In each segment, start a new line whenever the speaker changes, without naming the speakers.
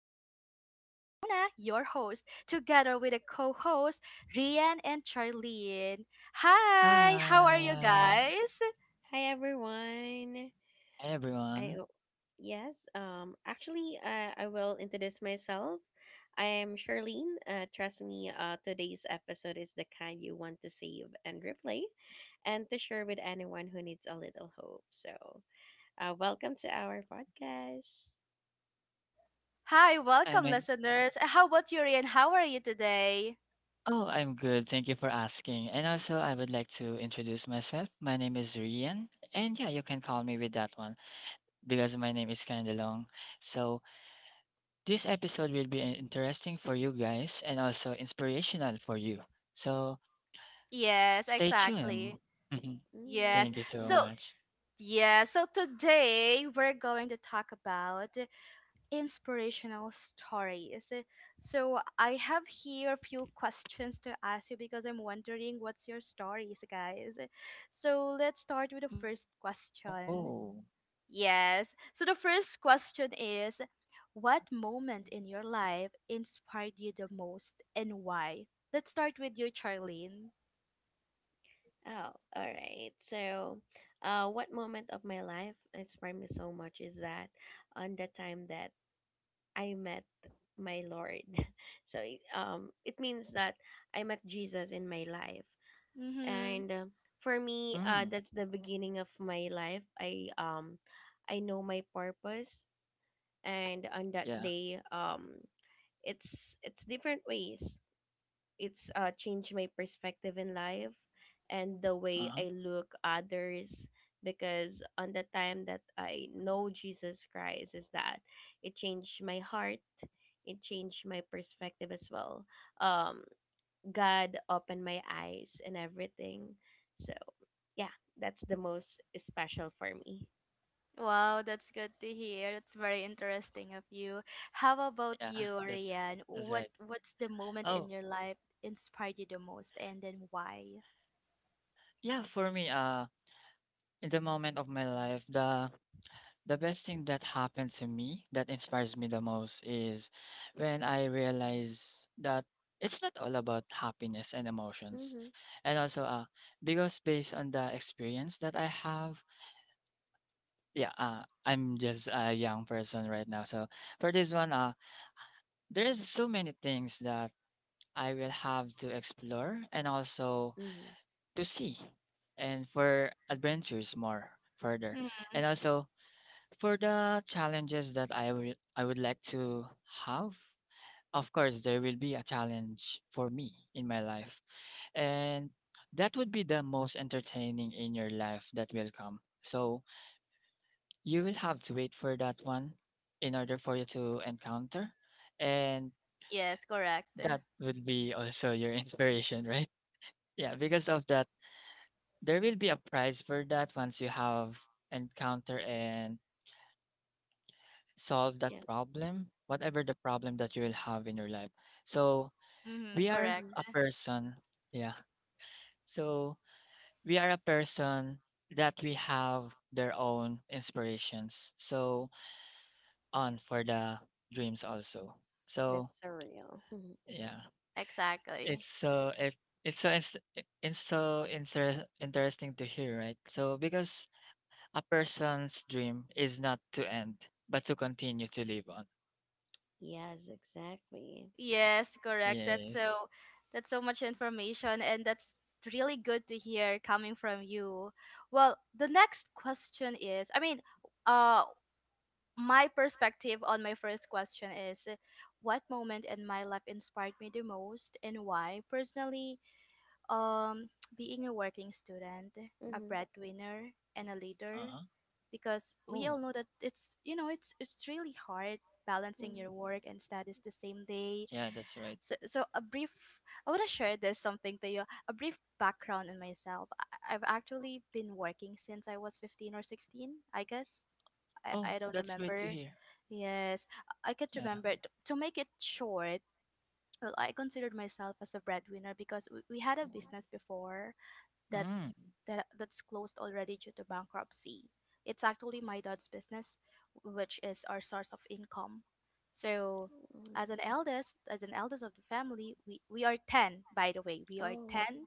My name is Jonah, your host, together with a co host, Rian and Charlene. Hi, how are you
Hi.
guys?
Hi everyone.
Hi,
I
everyone.
o- yes, actually I will introduce myself. I am Charlene. Trust me, today's episode is the kind you want to save and replay and to share with anyone who needs a little hope. So, welcome to our podcast.
Hi,
I
welcome,
mean,
listeners. How about you, Rian? How are you today?
oh, I'm good. Thank you for asking. And also, I would like to introduce myself. My name is Rian. And yeah, you can call me with that one because my name is kind of long. So, this episode will be interesting for you guys and also inspirational for you. So,
Yes,
stay tuned.
exactly. Yes.
Thank
Mm.
you so
So,
much.
yeah, so today we're going to talk about inspirational stories. So I have here a few questions to ask you because I'm wondering what's your stories, guys. So let's start with the first
Oh,
question. Yes. So the first question is, what moment in your life inspired you the most and why? Let's start with you, Charlene.
Oh, all right. What moment of my life inspired me so much is that on the time that I met my Lord. So it means that I met Jesus in my life.
Mm-hmm.
And for me,
mm,
that's the beginning of my life. I know my purpose, and on that
yeah.
day, it's it's different ways, it's changed my perspective in life and the
Uh-huh.
way I look others, because on the time that I know Jesus Christ, is that it changed my heart, it changed my perspective as well, um God opened my eyes and everything. So yeah, that's the most special for me.
Wow, that's good to hear. That's very interesting of you.
Yeah,
How about
that's
you,
that's
Rian?
right.
What's the
Oh,
moment in your life inspired you the most and then why?
yeah, for me, in the moment of my life, the best thing that happened to me that inspires me the most is when I realize that it's not all about happiness and emotions.
Mhm.
And also because based on the experience that I have, yeah, I'm just a young person right now. So for this one, there's so many things that I will have to explore and also
Mhm.
to see and for adventures more further.
Mm,
And also for the challenges that I would like to have, of course there will be a challenge for me in my life. And that would be the most entertaining in your life that will come. So you will have to wait for that one in order for you to encounter. And
yes, correct.
that would be also your inspiration, right? Yeah, because of that, there will be a prize for that once you have encounter and solve that
Yeah.
problem, whatever the problem that you will have in your life. So we
Mm-hmm,
are
Mhm.
correct.
a person, yeah. So we are a person that we have their own inspirations. So on for the dreams also.
That's
So
surreal.
yeah, it's
Exactly.
so it, it's so it's, it's so interesting to hear, right? So because a person's dream is not to end, but to continue to live on.
Yes, exactly.
Yes, correct. That's
Yes.
so that's so much information, and that's really good to hear coming from you. Well, the next question is, I mean, uh my perspective on my first question is, what moment in my life inspired me the most and why personally, um being a working student, a
Mhm.
breadwinner, and a leader,
Uh
because we
huh.
all know that it's really hard balancing
Mhm.
your work and studies the same day.
Yeah, that's right.
So, a brief I want to share this something to you, a brief background on myself. I've actually been working since I was 15 or 16, I guess.
Oh,
I don't
that's great to
remember.
hear.
Yes, I can't
Yeah.
remember. To make it short, well, I considered myself as a breadwinner because we had a business before that,
Mm.
that's closed already due to bankruptcy. It's actually my dad's business, which is our source of income. So,
Mhm.
as an eldest of the family, we are 10, by the way. We are
Oh.
10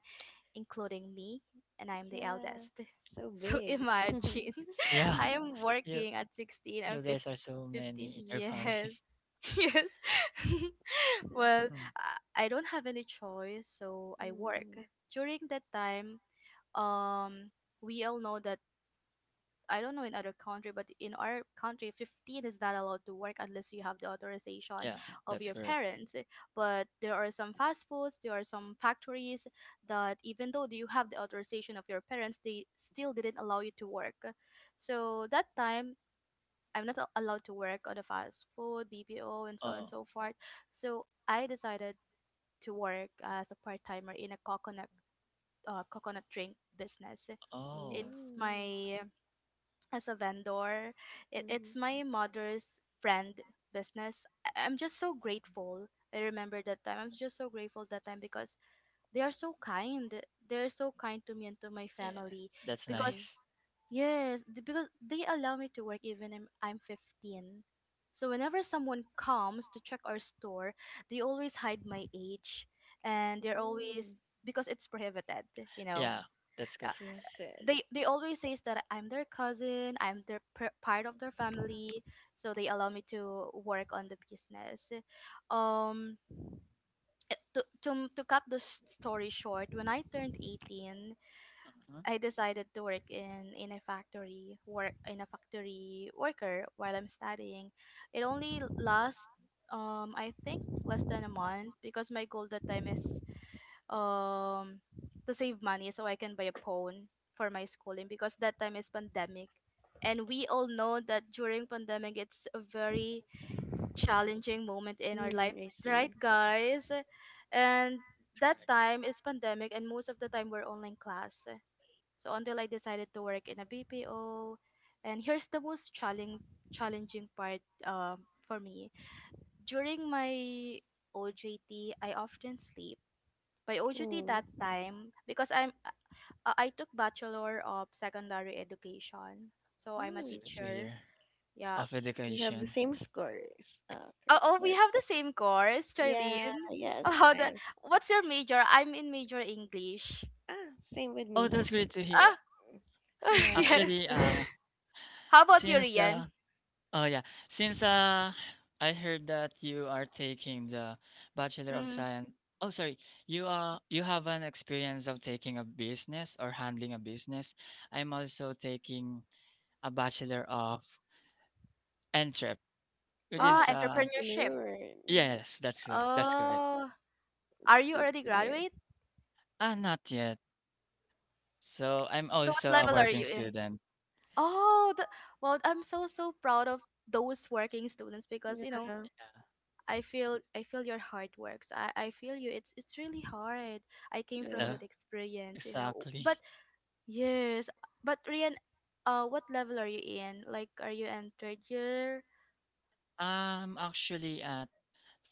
including me, and I'm the
Yeah,
eldest.
so
So
big.
imagine,
Yeah.
I am
You
working at 16
you
and
guys
15.
are so many
15,
in your family.
yes. Yes. Well,
Mhm.
I don't have any choice, so I work.
Mm.
During that time, um we all know that I don't know in other country, but in our country, 15 is not allowed to work unless you have the authorization
Yeah,
of
that's
your
correct.
parents. But there are some fast foods, there are some factories that even though you have the authorization of your parents, they still didn't allow you to work. So that time, I'm not allowed to work on the fast food, BPO, and so on and
Oh.
so forth. So I decided to work as a part timer in a coconut drink business.
Oh.
It's
Mm.
my As a vendor.
Mhm.
It,
Mhm.
it's my mother's friend business. I'm just so grateful. I remember that time. I'm just so grateful that time because they are so kind. They're so kind to me and to my
Yes.
family
That's
because
nice.
Mm.
they allow me to work even if I'm 15. So whenever someone comes to check our store, they always hide my age, and they're
Mm.
always, because it's prohibited, you know
Yeah, that's good.
Interested.
they always says that I'm their cousin, I'm their part of their family, so they allow me to work on the business. Um, to cut the story short, when I turned 18,
Hmm.
I decided to work in a factory worker while I'm studying. It only lasts, I think, less than a month because my goal that time is um to save money so I can buy a phone for my schooling because that time is pandemic. And we all know that during pandemic it's a very challenging moment in our
Mm,
life,
I see.
right guys? And
That's
that
correct.
time is pandemic, and most of the time we're online class. So until I decided to work in a BPO, and here's the most challenging part for me. During my OJT, I often sleep by biology
Mm.
that time because I took Bachelor of Secondary Education. So
But
I'm a
that's great
Mm.
to
teacher.
hear.
Yeah.
Of
We have the
education.
same scores.
Oh, we
Scores.
have the same course,
Yeah,
Charlene.
yes, I
How the
am.
what's your major? I'm in major English.
Ah, same with me.
Oh, that's great to hear.
Ah,
Yes.
yes.
Actually,
How about you,
since
Rian?
oh yeah. Since I heard that you are taking the Bachelor of
Mm.
Science. Oh, sorry. You are. You have an experience of taking a business or handling a business. I'm also taking a Bachelor of Entrep, which
Oh,
Ah,
is
entrepreneurship.
entrepreneur. Mm.
yes, that's correct.
Oh,
It's
are you
good
already
to hear.
graduate?
Ah, not yet. So I'm
So what
also a
level are
working
you in?
student.
Oh, well, I'm so proud of those working students because
Yeah.
Yeah,
I feel your hard works. I feel you. It's really hard. I came
yeah,
from
Yeah.
the-
that experience. But
exactly.
yes, but Rian, what level are you in? Like, are you in third year?
I'm actually at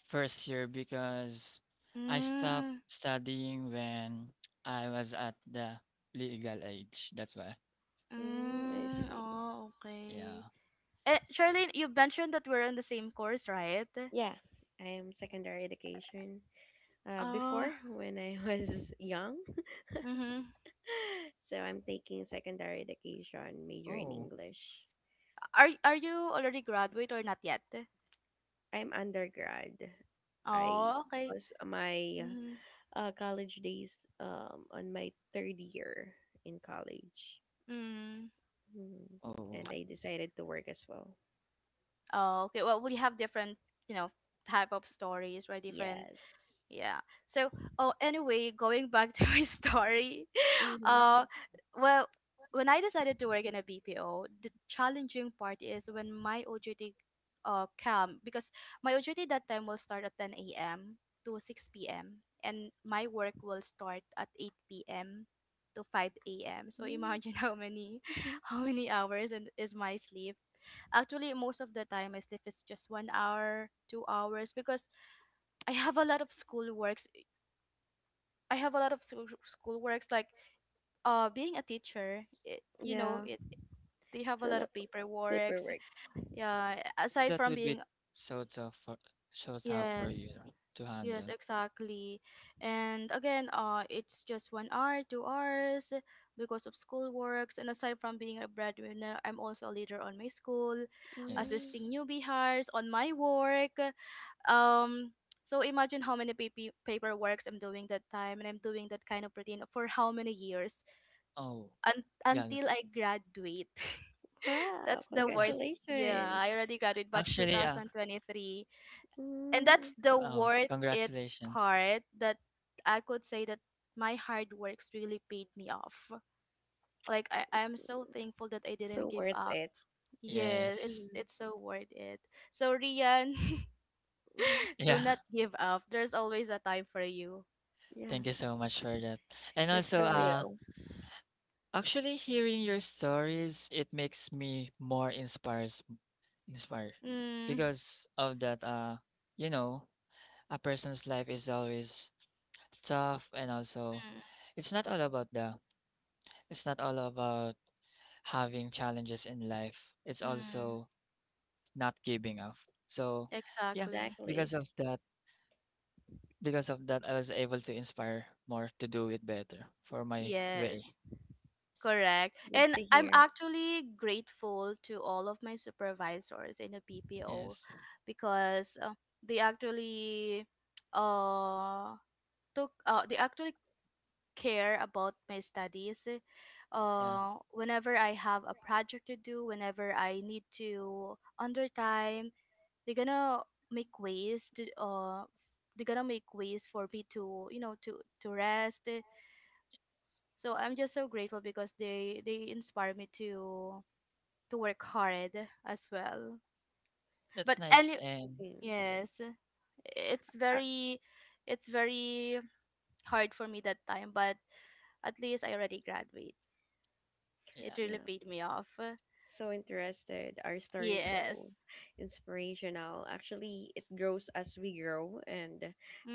first year because I stopped
Mm,
studying when I was at the legal age. That's why.
Mm, I
mm,
see.
oh, okay.
Yeah.
Charlene, you mentioned that we're on the same course, right?
Yeah, I am secondary education, before
Oh,
when I was young.
mm-hmm.
So I'm taking secondary education, major in
Oh,
English.
Are you already graduate or not yet?
I'm undergrad. I
Oh, okay.
was my
Mm-hmm.
college days, on my third year in college.
Mm.
Mhm.
oh.
And I decided to work as well.
Oh, okay. Well, we have different, you know, type of stories, right? Different,
Yes.
yeah. So, oh, anyway, going back to my story.
Mm-hmm.
Uh, well, when I decided to work in a BPO, the challenging part is when my OJT come, because my OJT that time will start at 10 a.m. to 6 p.m., and my work will start at 8 p.m. to 5 a.m. So imagine how
Mm-hmm.
many
Mm-hmm.
how many hours and is my sleep. Actually, most of the time my sleep is just 1 hour, 2 hours because I have a lot of school works. I have a lot of school works, like being a teacher, it, you know
Yeah.
it they have a
So
lot
lot
of
of
paperwork,
paperwork.
yeah, aside
That
from
would be
being,
so tough for
yes,
you to
yes,
handle.
exactly. And again, it's just 1 hour, 2 hours because of school works. And aside from being a breadwinner, I'm also a leader on my school,
Mm.
Yes.
assisting newbie hires on my work. um so imagine how many paperworks I'm doing that time, and I'm doing that kind of routine for how many years
Oh, yeah,
until I graduate.
Wow,
That's the
yeah.
worth. Yeah,
congratulations.
I already graduated batch
Actually, yeah.
2023. And that's
Mm,
the
Oh,
worth it
congratulations.
part that I could say that my hard works really paid me off. Like I'm so thankful that I didn't
so
give
worth
up.
it.
Yeah,
Yes.
it's
Mm-hmm.
it's so worth it. So, Rian,
Mhm.
do
Yeah.
not give up. There's always a time for you.
Thank
Yeah,
you so much for that. And
that's
also,
surreal.
actually hearing your stories, it makes me more inspires. Inspire
Mm,
because of that you know a person's life is always tough and also
mm,
it's not all about the it's not all about having challenges in life, it's
mm.
also not giving up. So
Yeah,
yeah, because
Exactly.
of
exactly.
that because of that I was able to inspire more to do it better for my way.
Yes. Correct.
Good
And
to
I'm
hear.
actually grateful to all of my supervisors in a BPO
Yes.
because they actually uh took uh, they actually care about my studies.
Yeah,
Whenever I have a project to do, whenever I need to under time, they're gonna make ways for me to, you know, to rest. So I'm just so grateful because they inspire me to work hard as well.
that's
But
nice
any
Good
and
to hear.
Yes, it's
Uh,
very it's very hard for me that time, but at least I already graduate.
yeah.
It really
yeah,
paid me off.
so interested. Our story is so
Yes.
inspirational. Actually, it grows as we grow, and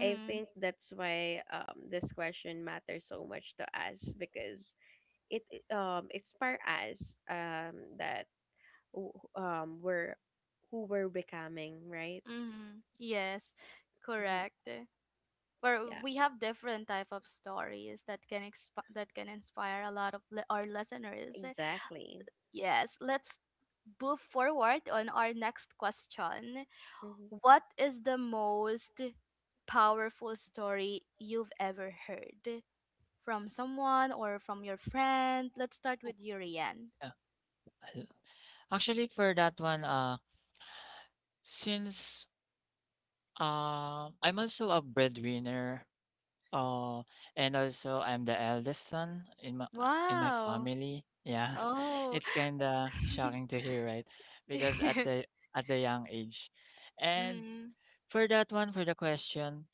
I think that's why this question matters so much to us, because it inspire us that we're who we're becoming, right?
Mhm. Yes.
Hmm.
Correct. Where
Yeah,
we have different type of stories that can inspire a lot of our listeners.
exactly.
Yes, let's move forward on our next question.
Mm-hmm.
What is the most powerful story you've ever heard from someone or from your friend? Let's start
Oh,
with you, Rian.
yeah. I- Actually for that one, since um, I'm also a breadwinner. Uh, and also I'm the eldest son in my
Wow.
family. Yeah,
Oh.
it's kind of shocking to hear, right? Because
Mm-hmm.
at the young age, and for that one, for the question,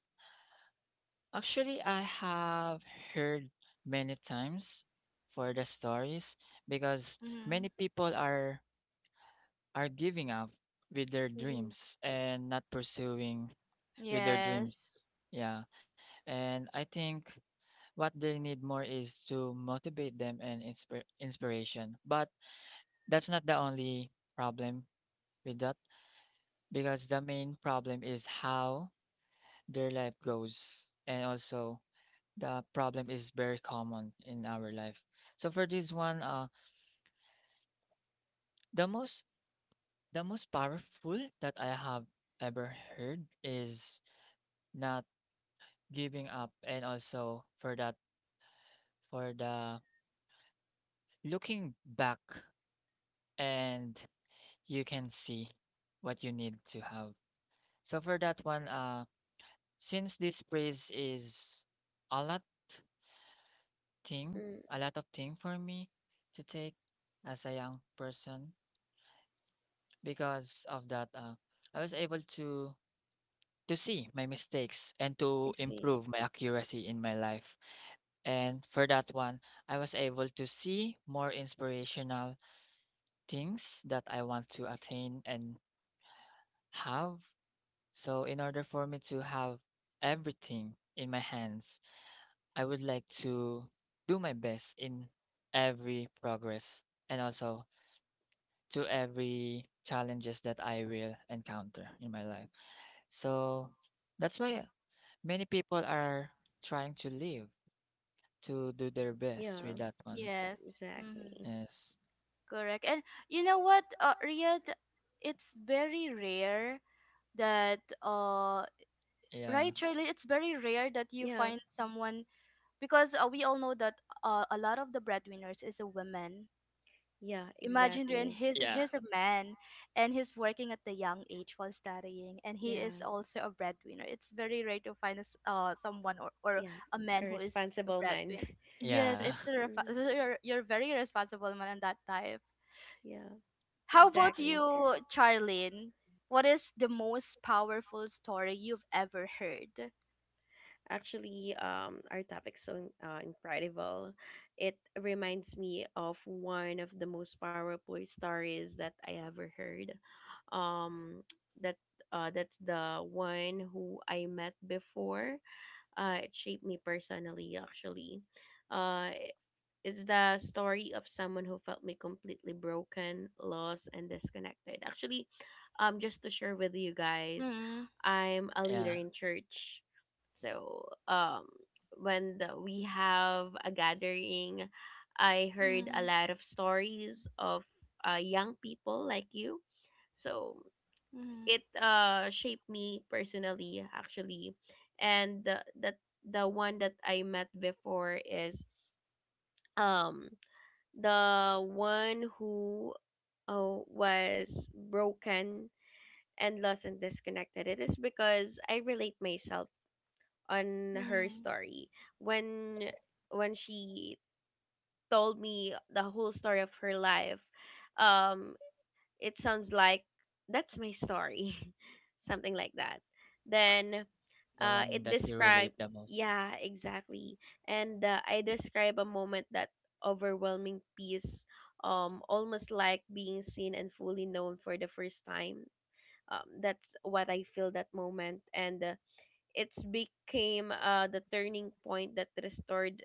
actually, I have heard many times for the stories because
Mm-hmm.
many people are giving up with their
Mm-hmm.
dreams and not pursuing with their dreams.
Yes.
Yeah. And I think what they need more is to motivate them and inspire inspiration. But that's not the only problem with that because the main problem is how their life goes. And also the problem is very common in our life. So for this one, the most the most powerful that I have ever heard is not giving up, and also for that, for the looking back, and you can see what you need to have. So for that one, since this praise is a lot thing,
Mm,
a lot of thing for me to take as a young person, because of that, I was able to see my mistakes and
I
to
see.
improve my accuracy in my life. And for that one, I was able to see more inspirational things that I want to attain and have. So in order for me to have everything in my hands, I would like to do my best in every progress and also to every challenges that I will encounter in my life. So that's why many people are trying to live to do their best
Yeah,
with that one.
Yes. Mm-hmm.
exactly.
Yes.
Correct. And you know what, Riyadh, it's very rare that
Yeah.
right, Shirley, it's very rare that you
Yeah,
find someone because we all know that a lot of the breadwinners is a woman.
yeah,
Imagine, and
exactly.
he's
Yeah.
he's a man, and he's working at the young age while studying, and he
Yeah,
is also a breadwinner. It's very rare to find a s someone, or
yeah.
a
A
man who is a
responsible man.
breadwinner. Yes,
Yeah.
Mm,
so you're very responsible man on that type.
yeah,
How
Yeah.
about you,
exactly.
Charlene? What is the most powerful story you've ever heard?
Actually, our topic's so incredible. It reminds me of one of the most powerful stories that I ever heard. Um, that that's the one who I met before. It shaped me personally, actually. Uh, It's the story of someone who felt me completely broken, lost, and disconnected. Actually, just to share with you guys,
Mm,
I'm a
Yeah.
leader in church. So, when we have a gathering, I heard a
mm,
lot of stories of young people like you. So,
mm,
it shaped me personally, actually. And the one that I met before is um the one who was broken and lost and disconnected. It is because I relate myself on her
mm.
story when
Oh,
she told me the whole story of her life. Um, it sounds like that's my story, something like that.
uh,
Then
the one
it
that you relate
describe
the most.
yeah, exactly. and I describe a moment that overwhelming peace, almost like being seen and fully known for the first time. That's what I feel that moment, and it's became the turning point that restored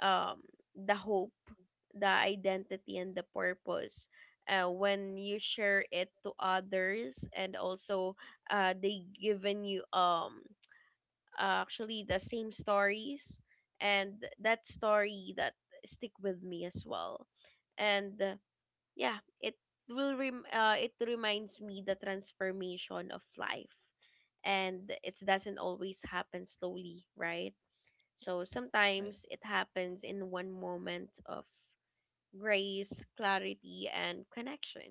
um, the hope, the identity, and the purpose. When you share it to others, and also they given you actually the same stories, and that story that stick with me as well. And yeah, it reminds me the transformation of life, and it doesn't always happen slowly, right? So
That's right.
sometimes it happens in one moment of grace, clarity, and connection.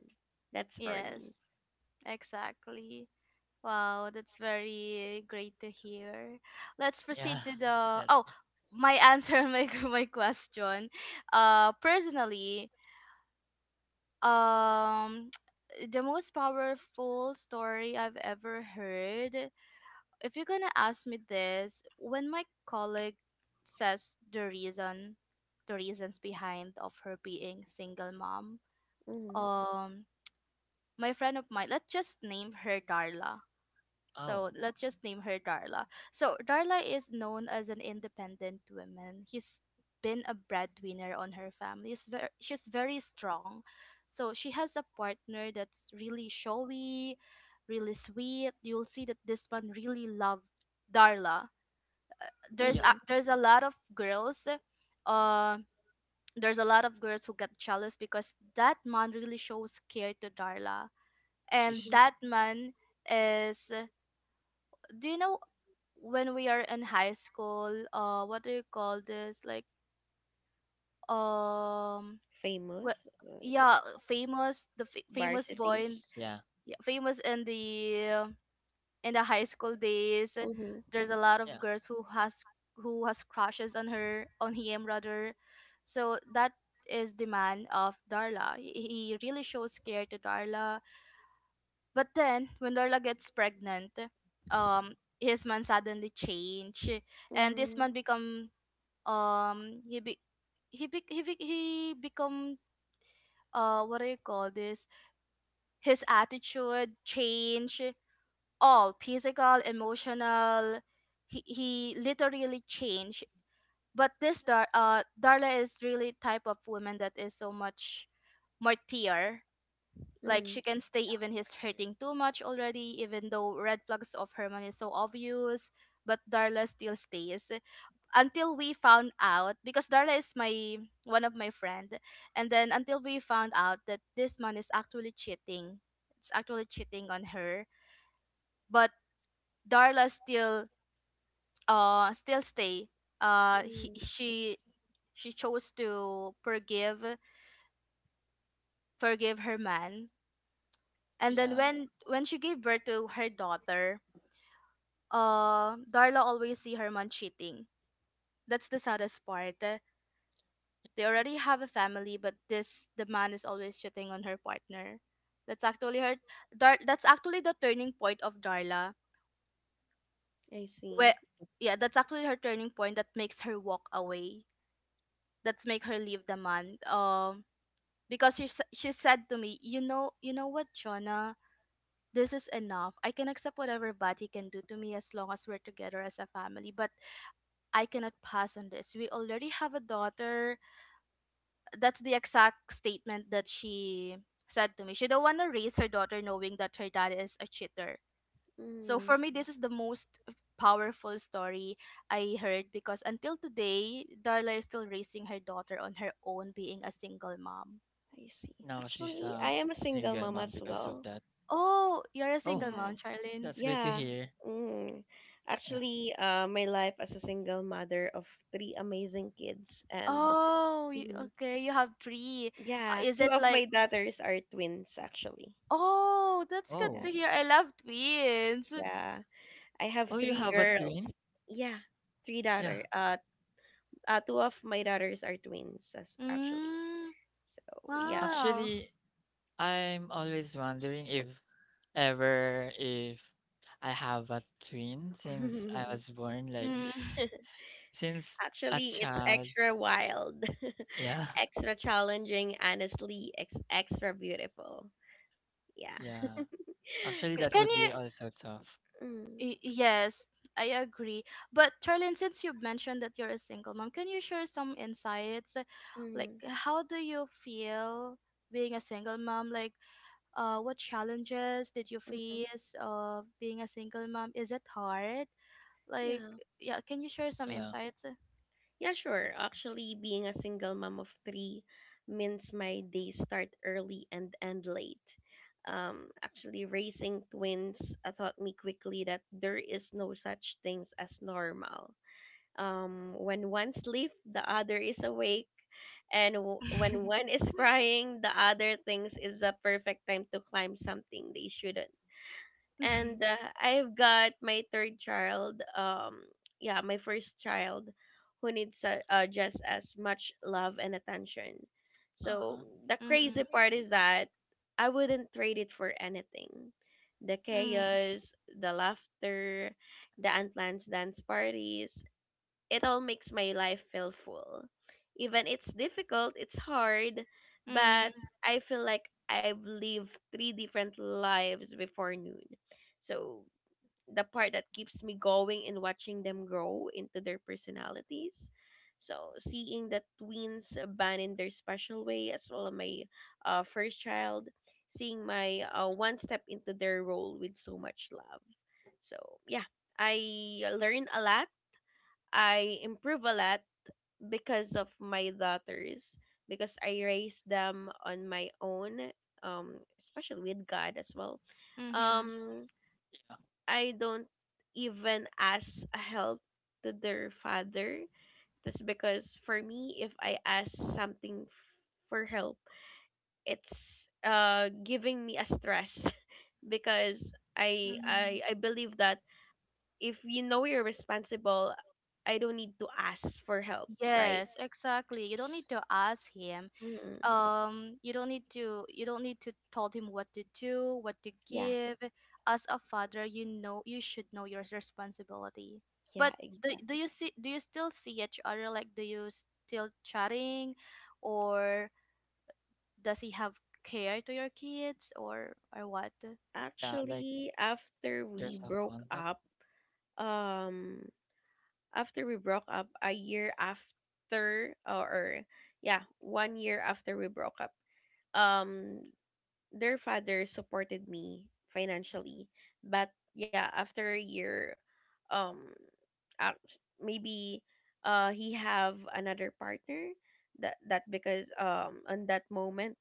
That's for me.
Yes, exactly. Wow, that's very great to hear. Let's
Yeah.
proceed to the
That's.
my answer on my my question. Personally, um, the most powerful story I've ever heard. If you're gonna ask me this, when my colleague says the reasons behind of her being single mom,
Mhm.
um, my friend of mine, let's just name her Darla.
Oh,
So let's just name her Darla. So Darla is known as an independent woman. He's been a breadwinner on her family. She's very strong. So she has a partner that's really showy, really sweet. You'll see that this one really loved Darla. there's
yeah.
a,
Mhm.
there's a lot of girls. uh there's a lot of girls who get jealous because that man really shows care to Darla. And
She's
Mhm.
that man is, do you know, when we are in high school, what do you call this, like, um
Famous.
wh-
uh,
yeah, famous, famous
varsity.
boy in,
famous. Yeah,
yeah, famous in the high school days.
Mhm.
There's a lot of
yeah,
girls who has crushes on her, on him rather. So that is the man of Darla. He really shows care to Darla. But then when Darla gets pregnant, um his man suddenly change. And this
Mm.
man become, he be he be, he, be, he become. What do you call this? His attitude change, all physical, emotional. He literally changed. But this Darla is really type of woman that is so much martyr. Like
Mm.
she can stay
yeah.
even he's
Actor.
hurting too much already, even though red flags of herman is so obvious. But Darla still stays until we found out, because Darla is my one of my friend. And
Yes.
then until we found out that this man is actually cheating, it's actually cheating on her. But Darla still still stay. He,
Mm.
She chose to forgive her man. And then
Yeah.
when she gave birth to her daughter, Darla always see her man cheating. That's the saddest part. They already
That's,
have a family, but this the man is always cheating on her partner. That's actually her that's actually the turning point of Darla.
I
Where,
see.
yeah, that's actually her turning point that makes her walk away. That's make her leave the man. Because she said to me, you know what, Jonah, this is enough. I can accept whatever Buddy can do to me as long as we're together as a family, but I cannot pass on this. We already have a daughter. That's the exact statement that she said to me. She don't want to raise her daughter knowing that her dad is a cheater. So
Mm.
for me, this is the most powerful story I heard, because until today, Darla is still raising her daughter on her own, being a single mom.
I see.
now she's
Actually, I
a
am a single
single
mom
mom
as
because of
well.
that.
Oh, you're a
Oh,
single
Yeah.
mom, Charlene.
that's great to
Yeah.
hear.
Mm.
Yeah.
Actually, my life as a single mother of three amazing kids, and
Oh,
mhm.
okay. You have three.
Yeah,
Is
two
it
of
like?
my daughters are twins actually.
Oh, that's good
Yeah.
to
Oh.
hear. I love twins.
Yeah. I have
Oh, you
three
have a
girls.
twin?
Yeah, three
Yeah.
daughter. Two of my daughters are twins as actually.
Mm,
So yeah.
wow.
Actually, I'm always wondering if ever if I have a twin since I was born, like
Mm.
since a
Actually, it's
child.
extra wild,
Yeah.
extra challenging, honestly, extra beautiful. Yeah.
Yeah. Actually, that
Can
would be
you?
also tough.
Mm-hmm,
Yes, I agree. But Charlene, since you've mentioned that you're a single mom, can you share some insights? Like,
mm-hmm.
how do you feel being a single mom? Like, what challenges did you face of being a single mom? Is it hard? Like,
Yeah.
yeah, can you share some
Yeah.
insights?
Yeah, sure. Actually, being a single mom of three means my days start early and end late. Actually, raising twins taught me quickly that there is no such things as normal. When one sleeps, the other is awake, and when one is crying, the other thinks is the perfect time to climb something they shouldn't.
Mhm.
And I've got my third child. Yeah, my first child, who needs just as much love and attention.
Uh-huh.
So the
Mhm.
crazy part is that I wouldn't trade it for anything. The
Mhm.
chaos, the laughter, the unplanned dance parties, it all makes my life feel full. Even it's difficult, it's hard,
Mhm.
but
Mhm.
I feel like I've lived three different lives before noon. So the part that keeps me going and watching them grow into their personalities. So seeing the twins abandon their special way as well as my first child, seeing my one step into their role with so much love. So yeah, I learned a lot, I improve a lot because of my daughters, because I raised them on my own, especially with God as well.
Mhm.
um I don't even ask a help to their father. That's because for me, if I ask something for help, it's giving me a stress because I
Mhm.
I I believe that if you know you're responsible, I don't need to ask for help, right?
Yes, exactly. You don't
Yes.
need to ask him.
Mm.
You don't need to you don't need to tell him what to do, what to
Yeah.
give. As a father, you know you should know your responsibility.
Yeah,
But
exactly.
do you still see each other? Like, do you still chatting, or does he have care to your kids, or what?
Yeah, like
Actually, after
there's
we
a
broke
contact.
up, um, a year after, or yeah, one year after we broke up, um, their father supported me financially. But yeah, after a year, um, maybe he have another partner. That because on that moment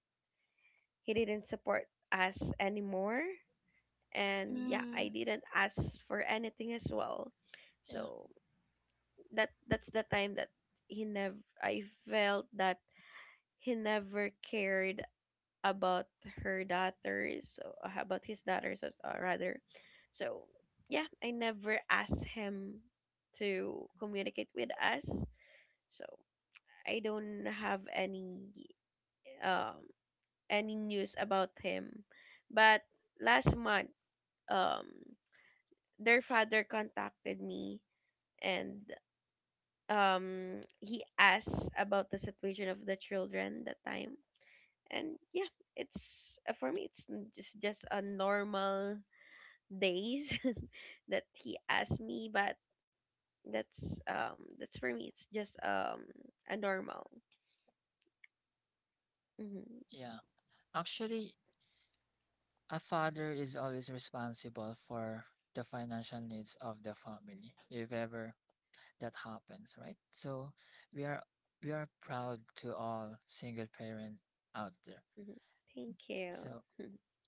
he didn't support us anymore. And yeah, I
Mm.
didn't ask for anything as well.
Yeah.
So that's the time that he never I felt that he never cared about her daughters, so about his daughters as rather. So yeah, I never asked him to communicate with us, so I don't have um any news about him. But last month, um their father contacted me, and he asks about the situation of the children that time. And yeah, it's for me just a normal days that he asked me. But that's for me, it's just a normal. Mm-hmm, mm-hmm.
Yeah. Actually, a father is always responsible for the financial needs of the family, if ever that happens, right? So we are we are proud to all single parent out there.
Thank you.
So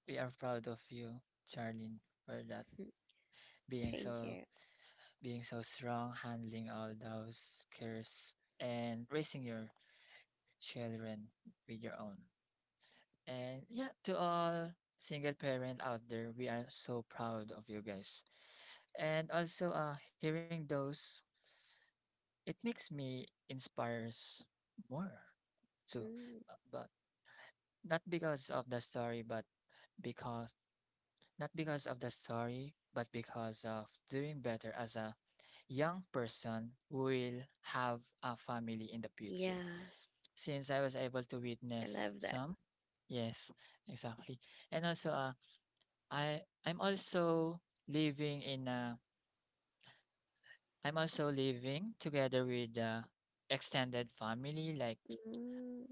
we are proud of you, Charlene, for that, being
Thank you.
so being so strong, handling all those cares and raising your children with your own. And yeah, to all single parent out there, we are so proud of you guys. And also hearing those, it makes me inspires more too.
Mm.
But not because of the story, but because not because of the story, but because of doing better as a young person who will have a family in the future.
Yeah,
Since I was able to
I
witness
love that.
some. Yes, exactly. And also, I'm also living in a I'm also living together with extended family. Like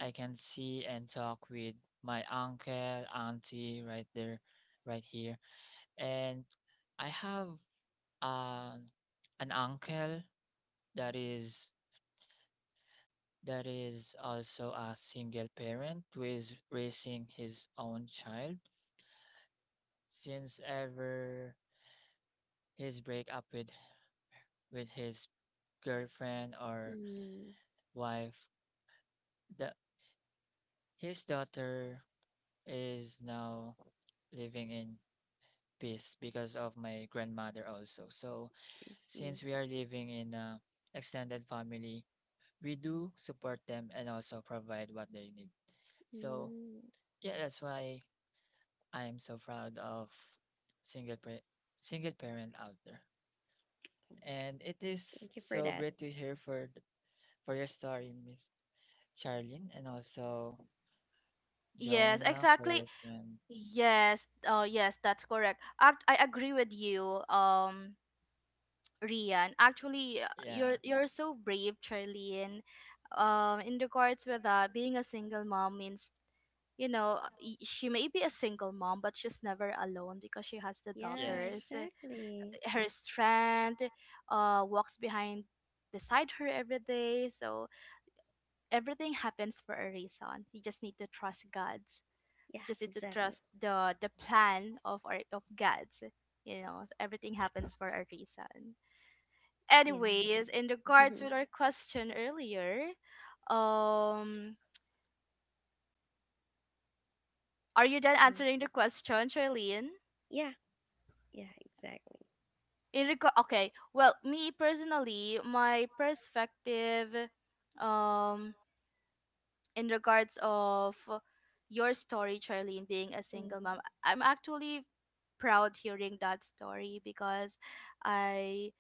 I can see and talk with my uncle, auntie, right there, right here. And I have uh, an uncle that is also a single parent who is raising his own child since ever his breakup with his girlfriend or
Mm.
wife, the his daughter is now living in peace because of my grandmother also. So
I see.
since we are living in a extended family, we do support them and also provide what they need. So
Mm.
yeah, that's why I'm so proud of single pa- single parent out there. And it is
Thank you for
so
that.
great to hear for your story, Miss Charlene, and also
Yes,
Jonah for
exactly.
your friend.
Yes, that's correct. I agree with you, Rian. Actually,
Yeah.
you're so brave, Charlene. In regards with that, being a single mom means she may be a single mom, but she's never alone because she has the
Yeah,
daughters.
Yes.
exactly.
Her strength, walks behind, beside her every day. So everything happens for a reason. You just need to trust God,
Yeah,
just need to
exactly.
trust the plan of our of God's. You know, so everything happens for a
Yes.
reason.
Yeah.
Anyways, in regards with our question earlier, um, are you done
Mm.
answering the question, Charlene?
Yeah, yeah, exactly.
In regard, okay. Well, me personally, my perspective, um, in regards of your story, Charlene, being a single
Mm.
mom, I'm actually proud hearing that story, because I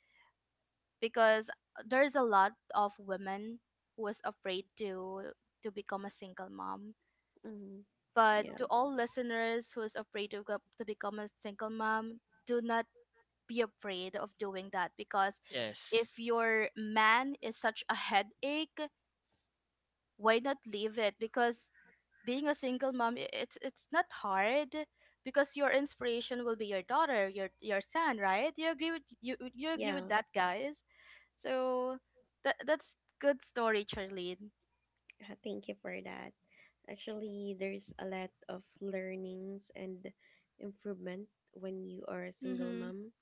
because there's a lot of women who is afraid to become a single mom,
Mm.
but
Yeah.
to all listeners who is afraid to become a single mom, do not be afraid of doing that because
Yes.
if your man is such a headache, why not leave it, because being a single mom, it's not hard, because your inspiration will be your daughter, your son, right? You agree with, you agree with
Yeah.
that, guys? So that's good story, Charlene.
Thank you for that. Actually, there's a lot of learnings and improvement when you are a single
Mhm.
mom.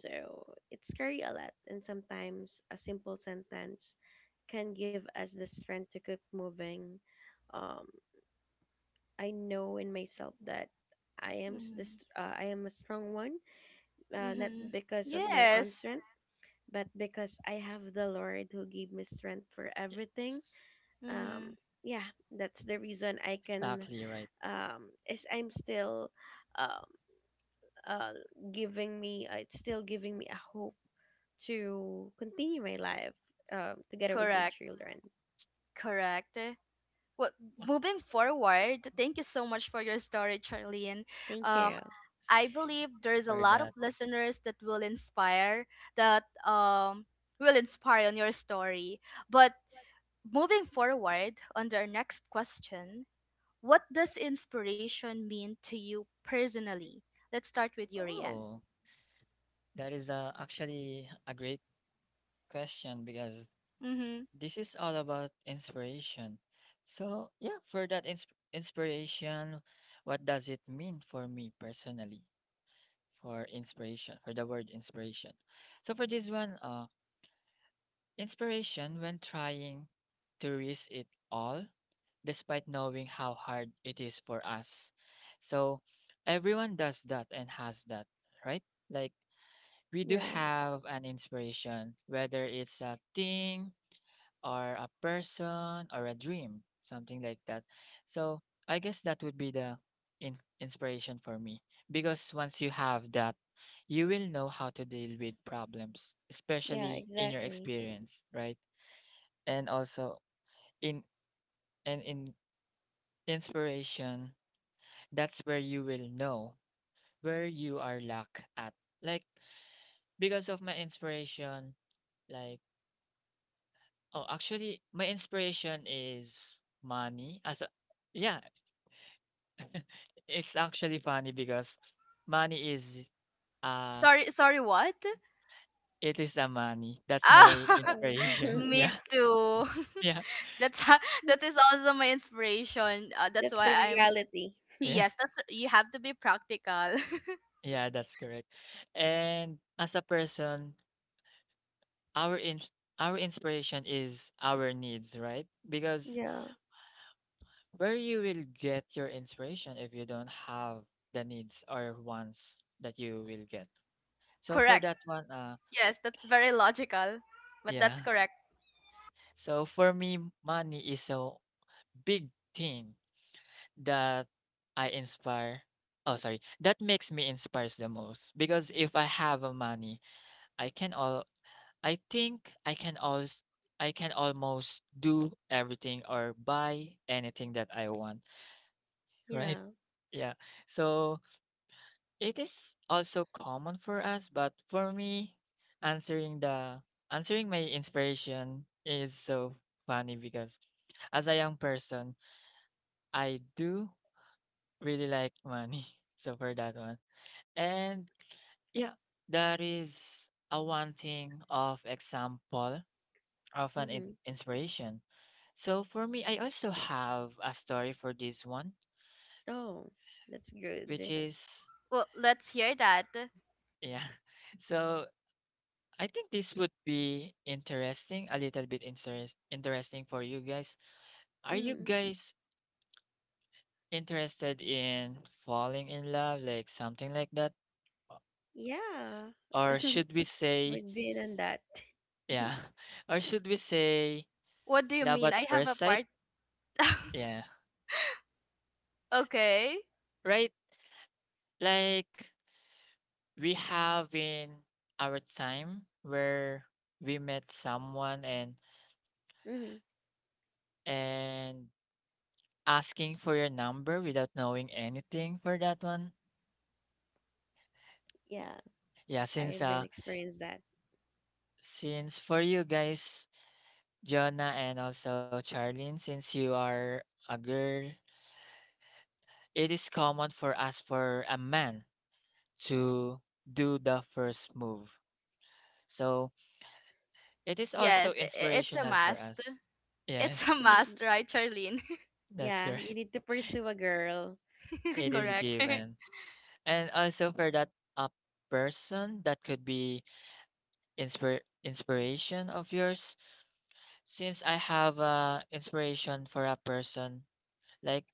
So it's scary a lot, and sometimes a simple sentence can give us the strength to keep moving. Um, I know in myself that I am s- the
Mhm.
I am a strong one, not
Mhm.
because of my own
Yes.
strength, but because I have the Lord who gave me strength for everything.
Yes.
Um,
Mhm.
yeah, that's the reason I can.
Exactly right.
Is I'm still, um, uh, giving me. It's still giving me a hope to continue my life, together with my
Correct.
children.
Correct. Well, moving
Okay.
forward, thank you so much for your story, Charlene.
Thank
Um,
you.
It's
I
great to
believe there's a
hear
lot of
that.
listeners that will inspire, that will inspire on your story. But moving forward on our next question, what does inspiration mean to you personally? Let's start with you, Rian.
Oh, that is actually a great question because
Mm-hmm.
this is all about inspiration. So, yeah, for that inspiration, what does it mean for me personally? For inspiration, for the word inspiration. So for this one, inspiration when trying to risk it all, despite knowing how hard it is for us. So everyone does that and has that, right? Like we do
Yeah.
have an inspiration, whether it's a thing or a person or a dream, something like that. So I guess that would be the inspiration for me because once you have that, you will know how to deal with problems,
Yeah.
especially in your
Exactly.
experience, right? And also in in inspiration, that's where you will know where you are lack at, like because of my inspiration, like oh, actually my inspiration is money as a, yeah, it's actually funny because money is uh
Sorry, sorry, what?
it is a money, that's my
Ah,
Oh.
inspiration.
me
Yeah,
too.
yeah,
that's ho- that is also my inspiration. That's
That's the
why I'm.
reality.
yeah.
Yes, that's, you have to be practical.
Yeah, that's correct. And as a person, our in- our inspiration is our needs, right? Because
Yeah.
where you will get your inspiration if you don't have the needs or wants that you will get. So for
correct.
that one,
Yes, that's very logical. But that's
yeah.
correct.
So for me, money is a big thing that I inspire. Oh, sorry. That makes me inspires the most because if I have a money, I can all I can always I can almost do everything or buy anything that I want, right?
Yeah.
Yeah. So it is also common for us, but for me, answering the answering my inspiration is so funny because as a young person, I do really like money. So for that one. And yeah, that is a one thing of example of an
Mm-hmm.
inspiration. So for me, I also have a story for this one,
Oh, that's
which
good.
is
Well, let's hear that.
yeah. So I think this would be interesting, a little bit interesting for you guys. Are you
Mm-hmm.
guys interested in falling in love, like something like that,
Yeah,
or should we say
we've been on that.
yeah, or should we say
What do you
love
mean?
at
I have a
first sight?
part.
Yeah,
okay.
right. Like we have in our time where we met someone and
Hmm.
and asking for your number without knowing anything for that one,
Yeah,
yeah,
I've been experienced that.
since for you guys, Jonah and also Charlene, since you are a girl, it is common for us, for a man to do the first move. So it is also
Yes, it's a
inspirational for
must.
us.
It's a
yes i-
must, right, Charlene?
that's
Yeah, you
correct.
need to pursue a girl.
It is
Hmm.
correct.
given. And also for that, uh, person, that could be inspiration of yours. Since I have a inspiration for a person, like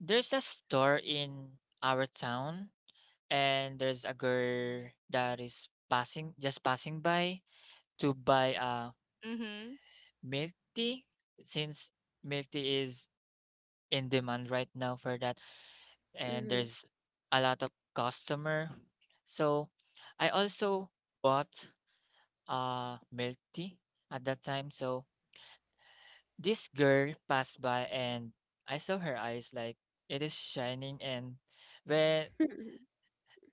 there's a store in our town, and there's a girl that is passing, just passing by to buy a
mhm.
milk tea. Since milk tea is in demand right now for that, and there's a lot of customer, so I also bought milk tea at that time. So this girl passed by and I saw her eyes, like it is shining, and when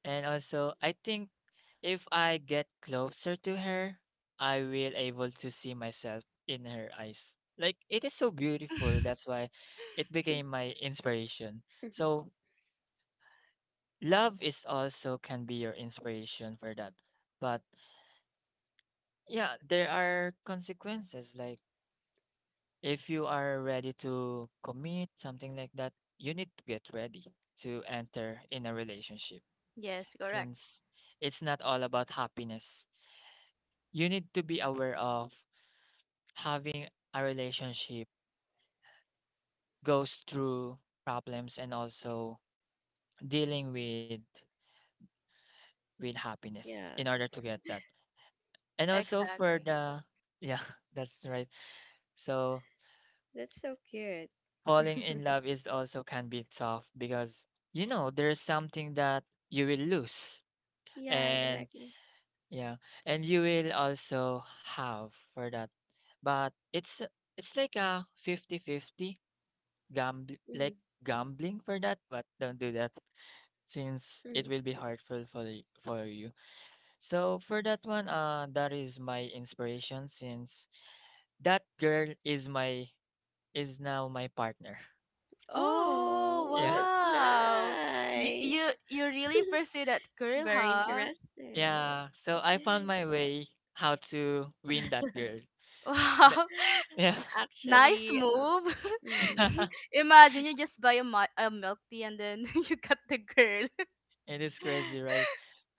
and also I think if I get closer to her, I will able to see myself in her eyes. Like it is so beautiful. That's why it became my inspiration. So love is also can be your inspiration for that. But yeah, there are consequences, like if you are ready to commit, something like that, you need to get ready to enter in a relationship
Yes, correct.
since it's not all about happiness. You need to be aware of having a relationship goes through problems, and also dealing with happiness
Yeah,
in order to get that. And also for
Exactly.
the, yeah, that's right. So
that's so cute.
falling in love is also can be tough because you know there's something that you will lose,
Yeah,
and
exactly.
yeah, and you will also have for that, but it's like a fifty-fifty gamble,
Hmm.
like gambling for that, but don't do that since it will be hurtful for for you. So for that one, that is my inspiration since that girl is now my partner.
Oh,
Oh,
Yeah,
that's
wow. You
nice.
you you really pursue that girl,
Very
huh?
interesting.
yeah, so I found my way how to win that girl. That-
Wow.
yeah.
Nice
Actually, um.
move.
Mm.
Imagine you just buy a, a milk tea, and then you got the girl.
It is crazy, right?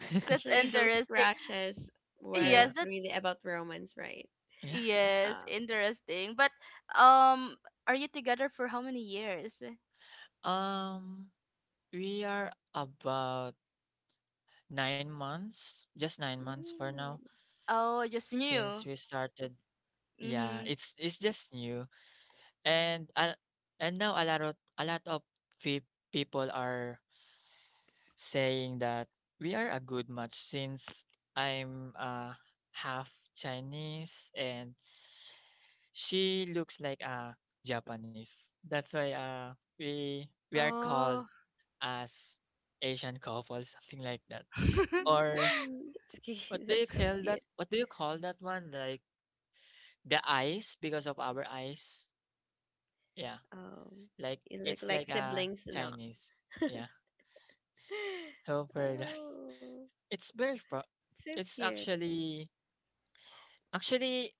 That's
Actually, those
interesting.
crashes weren't
Yeah,
Yes, that
really about romance, right?
yeah.
yes,
Um.
interesting. But um are you together for how many years?
Um, we are about 9 months, just 9 months for now
Mm.
Oh,
since
just
we
new.
started. Yeah, it's
Mhm.
just new, and uh, and now a lot of people are saying that we are a good match since I'm half Chinese and she looks like a Japanese. That's why we are called
Oh.
as Asian couple, something like that. Or
Mm. That's
what
cute.
do you
That's so
call that?
cute.
What do you call that one? Like the eyes, because of our eyes. Yeah,
Um,
like
you look
it's
like
like a
siblings or not.
Chinese. Yeah. So for that,
Oh,
it's very pro.
so
It's
cute.
actually actually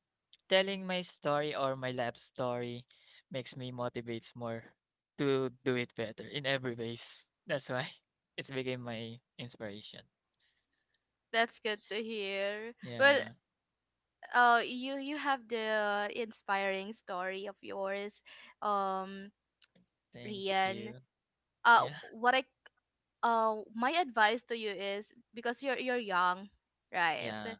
telling my story, or my life story makes me motivates more to do it better in every ways. That's why it's became my inspiration.
That's good to hear. Well,
Yeah.
you have the inspiring story of yours. Um
Thank
Rian.
you. Yeah.
What I My advice to you is, because you're young, right?
Yeah.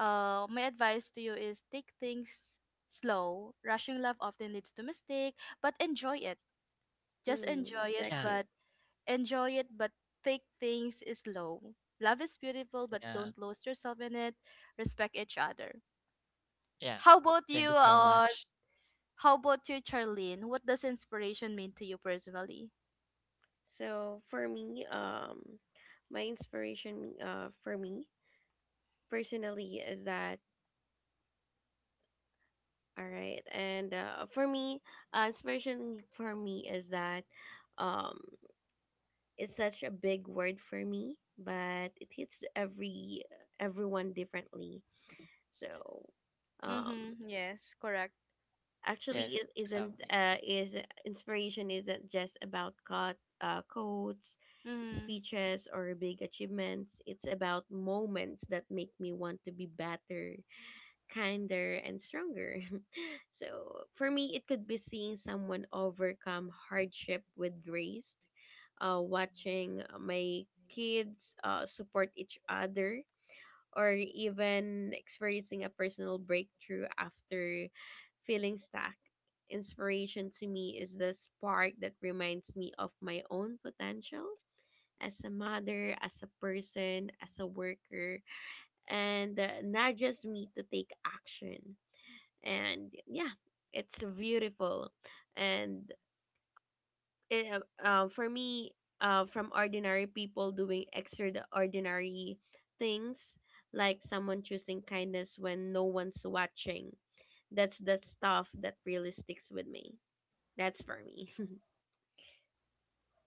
My advice to you is take things slow. Rushing love often leads to mistake, but enjoy it. Just
Mm,
Yeah,
exactly.
enjoy it, but take things slow. Love is beautiful,
yeah,
but don't lose yourself in it. Respect each other.
yeah.
How about
Thank you
you?
so much.
How about you, Charlene? What does inspiration mean to you personally?
So for me, my inspiration, for me personally is that all right, and for me, inspiration for me is that, um, it's such a big word for me, but it hits every everyone differently. So,
Yes,
um,
Mm-hmm. Yes, correct.
actually,
yes,
it isn't
exactly.
is inspiration isn't just about quotes,
Mm-hmm.
speeches, or big achievements. It's about moments that make me want to be better, kinder, and stronger. So, for me, it could be seeing someone overcome hardship with grace, watching my kids support each other, or even experiencing a personal breakthrough after feeling stuck. Inspiration to me is the spark that reminds me of my own potential as a mother, as a person, as a worker, and nudges me to take action. And yeah, it's beautiful. And for me, from ordinary people doing extraordinary things, like someone choosing kindness when no one's watching. That's the stuff that really sticks with me. That's for me.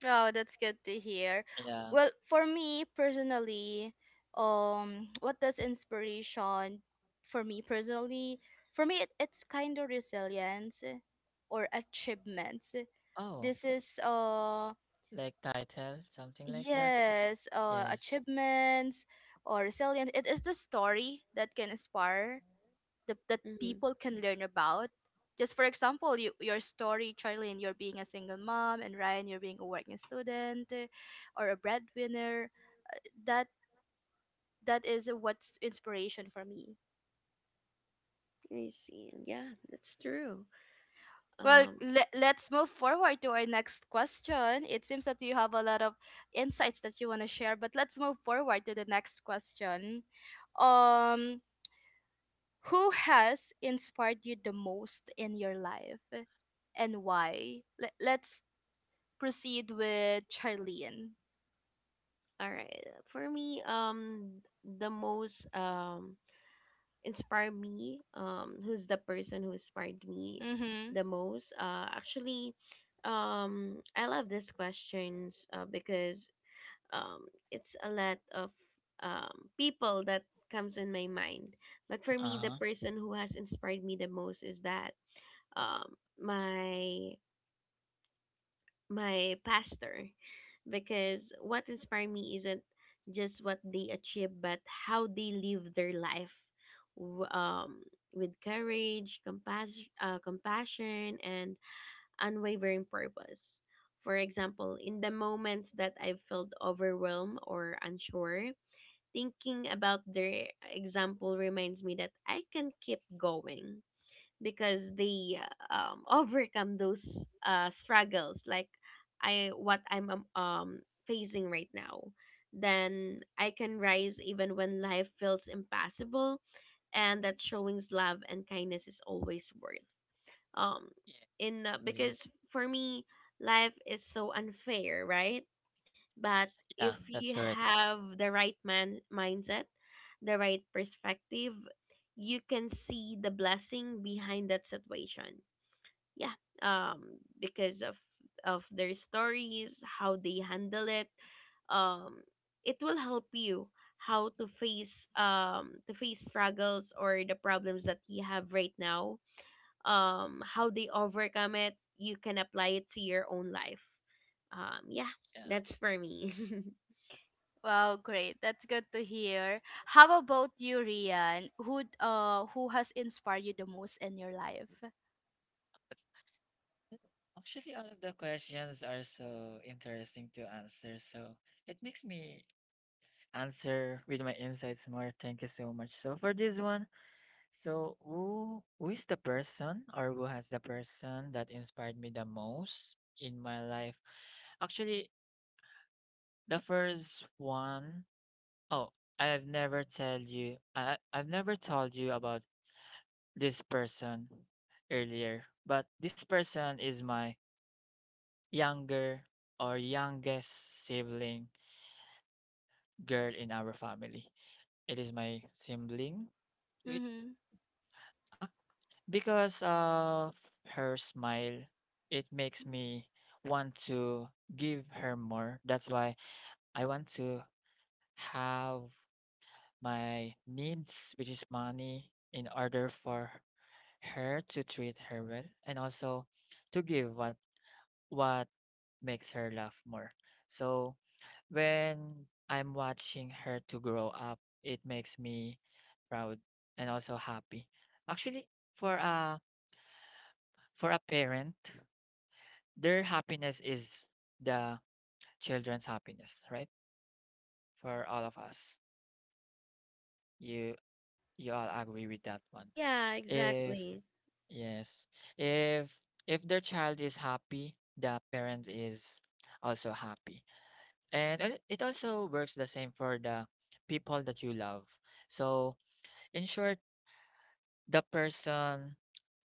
Oh, that's good to hear.
Yeah.
Well, for me personally, what does inspiration for me personally? For me, it's kind of resilience or achievements.
Oh,
This is,
like title, something like that.
yes,
Yes.
achievements or resilience. It is the story that can inspire, that
Mm,
people can learn about. Just for example, your story, Charlene, you're being a single mom, and Ryan, you're being a working student, or a breadwinner. That that is what's inspiration for me.
I see. Yeah, that's true.
Well,
Um,
let's move forward to our next question. It seems that you have a lot of insights that you want to share, but let's move forward to the next question. Um, Who has inspired you the most in your life, and why? Let's proceed with Charlene.
all right. For me, the most inspire me who's the person who inspired me
Mm-hmm.
the most actually, I love these questions, because it's a lot of people that comes in my mind, but for me the
Uh-huh.
person who has inspired me the most is that um my my pastor, because what inspired me isn't just what they achieve but how they live their life w- um, with courage, compassion, and unwavering purpose. For example, in the moments that I felt overwhelmed or unsure, thinking about their example reminds me that I can keep going, because they overcome those struggles like I what I'm facing right now. Then I can rise even when life feels impossible, and that showing love and kindness is always worth
Yeah,
um in
exactly.
because for me life is so unfair, right? But
Yeah,
if
that's
you
correct.
have the right man mindset, the right perspective, you can see the blessing behind that situation. Yeah. Because of their stories, how they handle it, um it will help you how to face struggles or the problems that you have right now. How they overcome it, you can apply it to your own life. Yeah,
Yeah.
that's for me.
Wow, great. That's good to hear. How about you, Rian? Who has inspired you the most in your life?
Actually, all of the questions are so interesting to answer, so it makes me answer with my insights more. Thank you so much. So for this one, so who is the person, or who has the person that inspired me the most in my life? Actually, the first one, oh, I've never told you about this person earlier, but this person is my younger or youngest sibling girl in our family. It is my sibling. It,
Mm-hmm.
because of her smile, it makes me want to give her more. That's why I want to have my needs, which is money, in order for her to treat her well, and also to give what makes her laugh more. So when I'm watching her to grow up, it makes me proud and also happy. Actually, for a for a parent, their happiness is the children's happiness, right? For all of us. You you all agree with that one.
Yeah,
If
exactly.
yes, if their child is happy, the parent is also happy. And it also works the same for the people that you love. So, in short, the person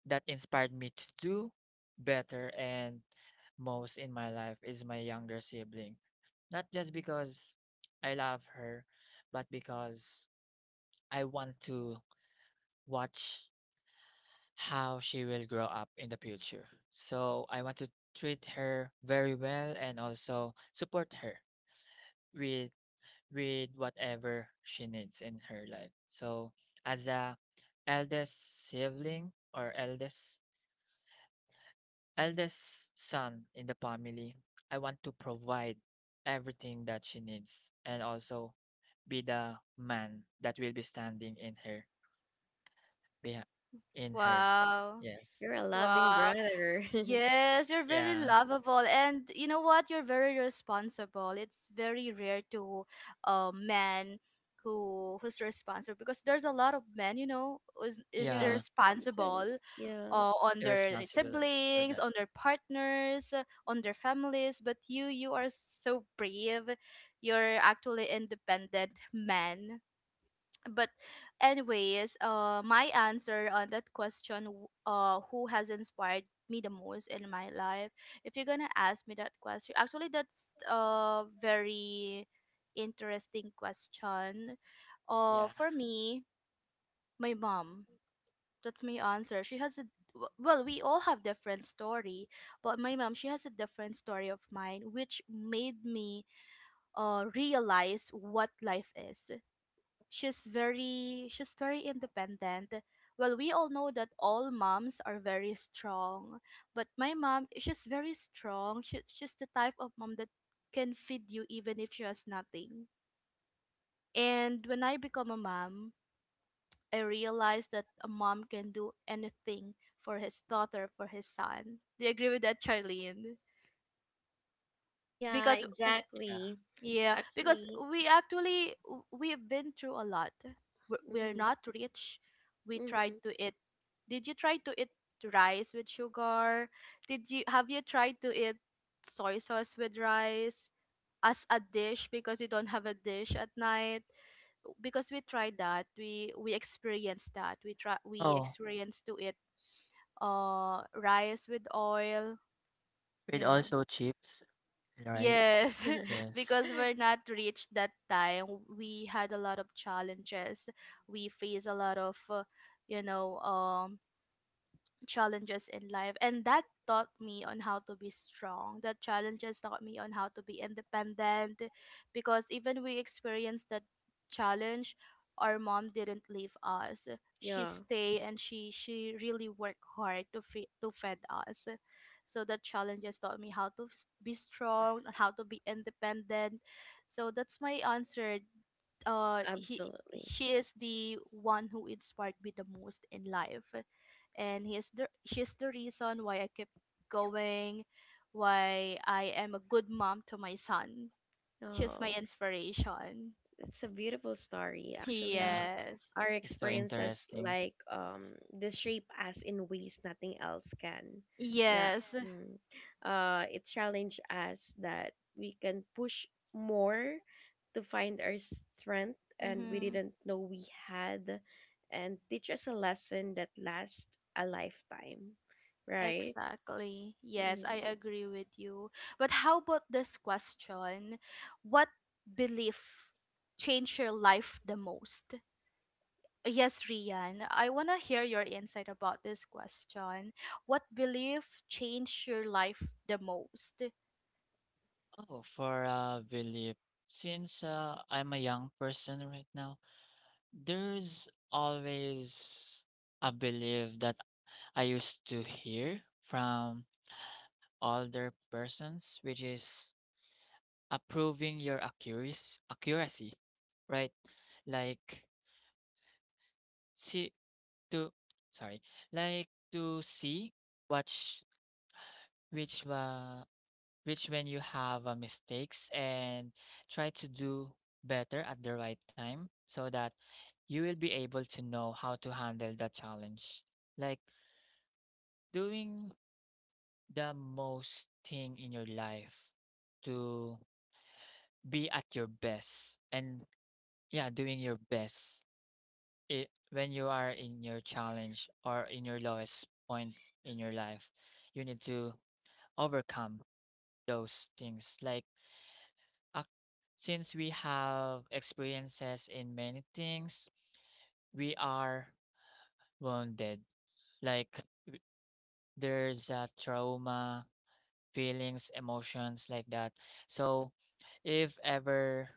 that inspired me to do better and most in my life is my younger sibling. Not just because I love her, but because I want to watch how she will grow up in the future. So I want to treat her very well, and also support her with whatever she needs in her life. So as a eldest sibling or eldest son in the family, I want to provide everything that she needs, and also be the man that will be standing in her behind in her.
Wow.
Yes.
You're a loving
Wow.
brother.
Yes, you're very
Yeah.
lovable, and you know what? You're very responsible. It's very rare to a man who's responsible, because there's a lot of men, you know, who's is
Yeah.
Yeah.
Exactly.
irresponsible,
Yeah.
on their, like,
Irresponsible for
siblings,
that.
on their partners, on their families. But you are so brave. You're actually independent man. But anyways, my answer on that question, who has inspired me the most in my life, if you're gonna ask me that question, actually that's a very interesting question.
Yeah.
For me, my mom. That's my answer. She has a, well, we all have different story, but my mom, she has a different story of mine, which made me realize what life is. She's very independent. Well, we all know that all moms are very strong, but my mom, she's very strong. She's the type of mom that can feed you even if she has nothing. And when I become a mom, I realized that a mom can do anything for his daughter, for his son. Do you agree with that, Charlene?
Yeah,
because w-
Yeah.
exactly.
Yeah, because
Actually,
we actually we've been through a lot. We're
mm
not rich. We tried
mm
to eat. Did you try to eat rice with sugar? Did you Have you tried to eat soy sauce with rice as a dish, because you don't have a dish at night? Because we tried that. We experienced that. We
Oh,
experienced to eat rice with oil.
with
yeah.
also chips, right?
Yes,
Yes.
because we're not reached that time. We had a lot of challenges. We face a lot of, you know, um, challenges in life, and that taught me on how to be strong. That challenges taught me on how to be independent, because even we experienced that challenge, our mom didn't leave us. She
Yeah,
stay, and she really worked hard to feed, to fed us. So that challenges taught me how to, be strong, how to be independent. So that's my answer. He
absolutely.
she is the one who inspired me the most in life. And he is the she's the reason why I keep going, why I am a good mom to my son. She's my
Oh,
inspiration.
it's a beautiful story. Actually,
Yeah.
Yes.
our
It's so
experiences
interesting.
they shape us in ways nothing else can. Yeah.
Yes.
Mm. It challenged us that we can push more to find our strength and we
Mm-hmm.
didn't know we had, and teach us a lesson that lasts a lifetime. Right?
Exactly. Yes,
Mm.
I agree with you. But how about this question? What belief changed your life the most? Yes, Rian, I want to hear your insight about this question. What belief changed your life the most?
Oh, for belief. Since I'm a young person right now, there's always a belief that I used to hear from older persons, which is approving your accuracy, accuracy, right? Like see to, sorry, like to see which which uh, which when you have mistakes and try to do better at the right time so that you will be able to know how to handle the challenge. Like doing the most thing in your life to be at your best, and yeah, doing your best when you are in your challenge or in your lowest point in your life, you need to overcome those things like ac- since we have experiences in many things, we are wounded, like there's a trauma, feelings, emotions like that. So if ever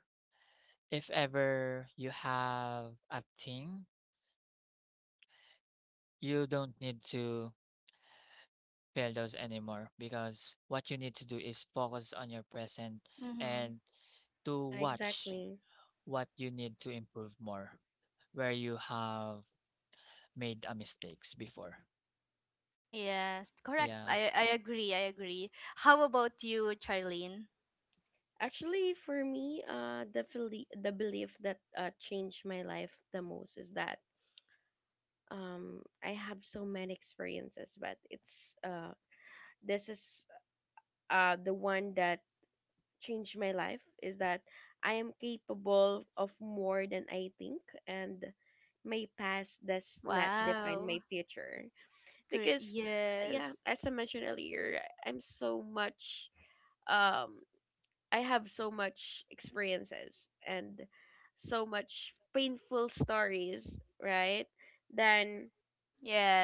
if ever you have a thing, you don't need to feel those anymore because what you need to do is focus on your present
Mm-hmm.
and to
Yeah,
watch
exactly.
what you need to improve more where you have made a mistakes before.
Yes, correct.
Yeah.
I agree. I agree. How about you, Charlene?
Actually, for me, the belief that changed my life the most is that I have so many experiences, but it's uh, this is the one that changed my life is that I am capable of more than I think, and my past does not define my
Wow.
future.
Great.
Because, yeah,
Yes.
as I mentioned earlier, I'm so much um I have so much experiences and so much painful stories, right? Then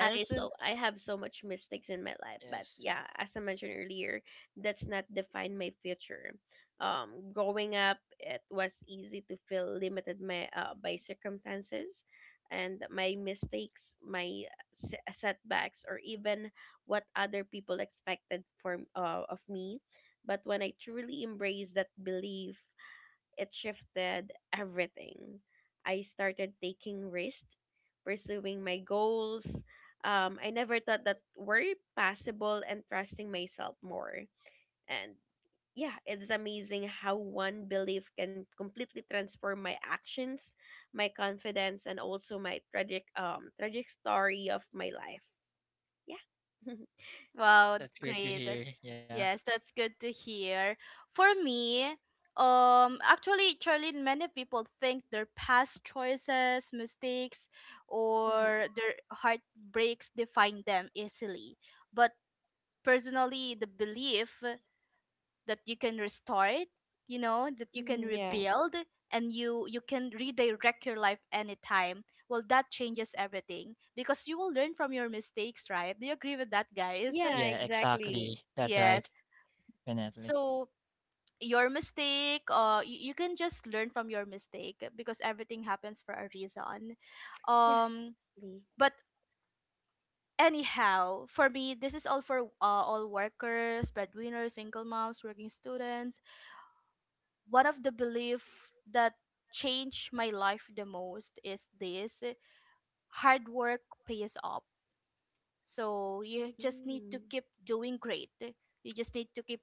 I so I have so much mistakes in my life, but
Yes.
yeah, as I mentioned earlier, that's not define my future. Growing up, it was easy to feel limited my, by circumstances, and my mistakes, my setbacks, or even what other people expected for of me. But when I truly embraced that belief, it shifted everything. I started taking risks, pursuing my goals. I never thought that were possible, and trusting myself more. And yeah, it's amazing how one belief can completely transform my actions, my confidence, and also my tragic tragic story of my life. Yeah. hmm
Wow.
That's great to
Great.
hear. Yeah.
Yes, that's good to hear. For me, actually, Charlene, many people think their past choices, mistakes, or their heartbreaks define them easily. But personally, the belief that you can restart, that you can
Yeah.
rebuild and you can redirect your life anytime, well that changes everything because you will learn from your mistakes, right? Do you agree with that, guys?
Yeah,
Yeah,
exactly.
exactly. That's right.
Yes.
Definitely.
So your mistake, you can just learn from your mistake because everything happens for a reason.
Yeah,
um
exactly.
but anyhow, for me this is all for all workers, breadwinners, single moms, working students. One of the belief that changed my life the most is this: hard work pays off. So you just need to
Mm,
keep doing great, you just need to keep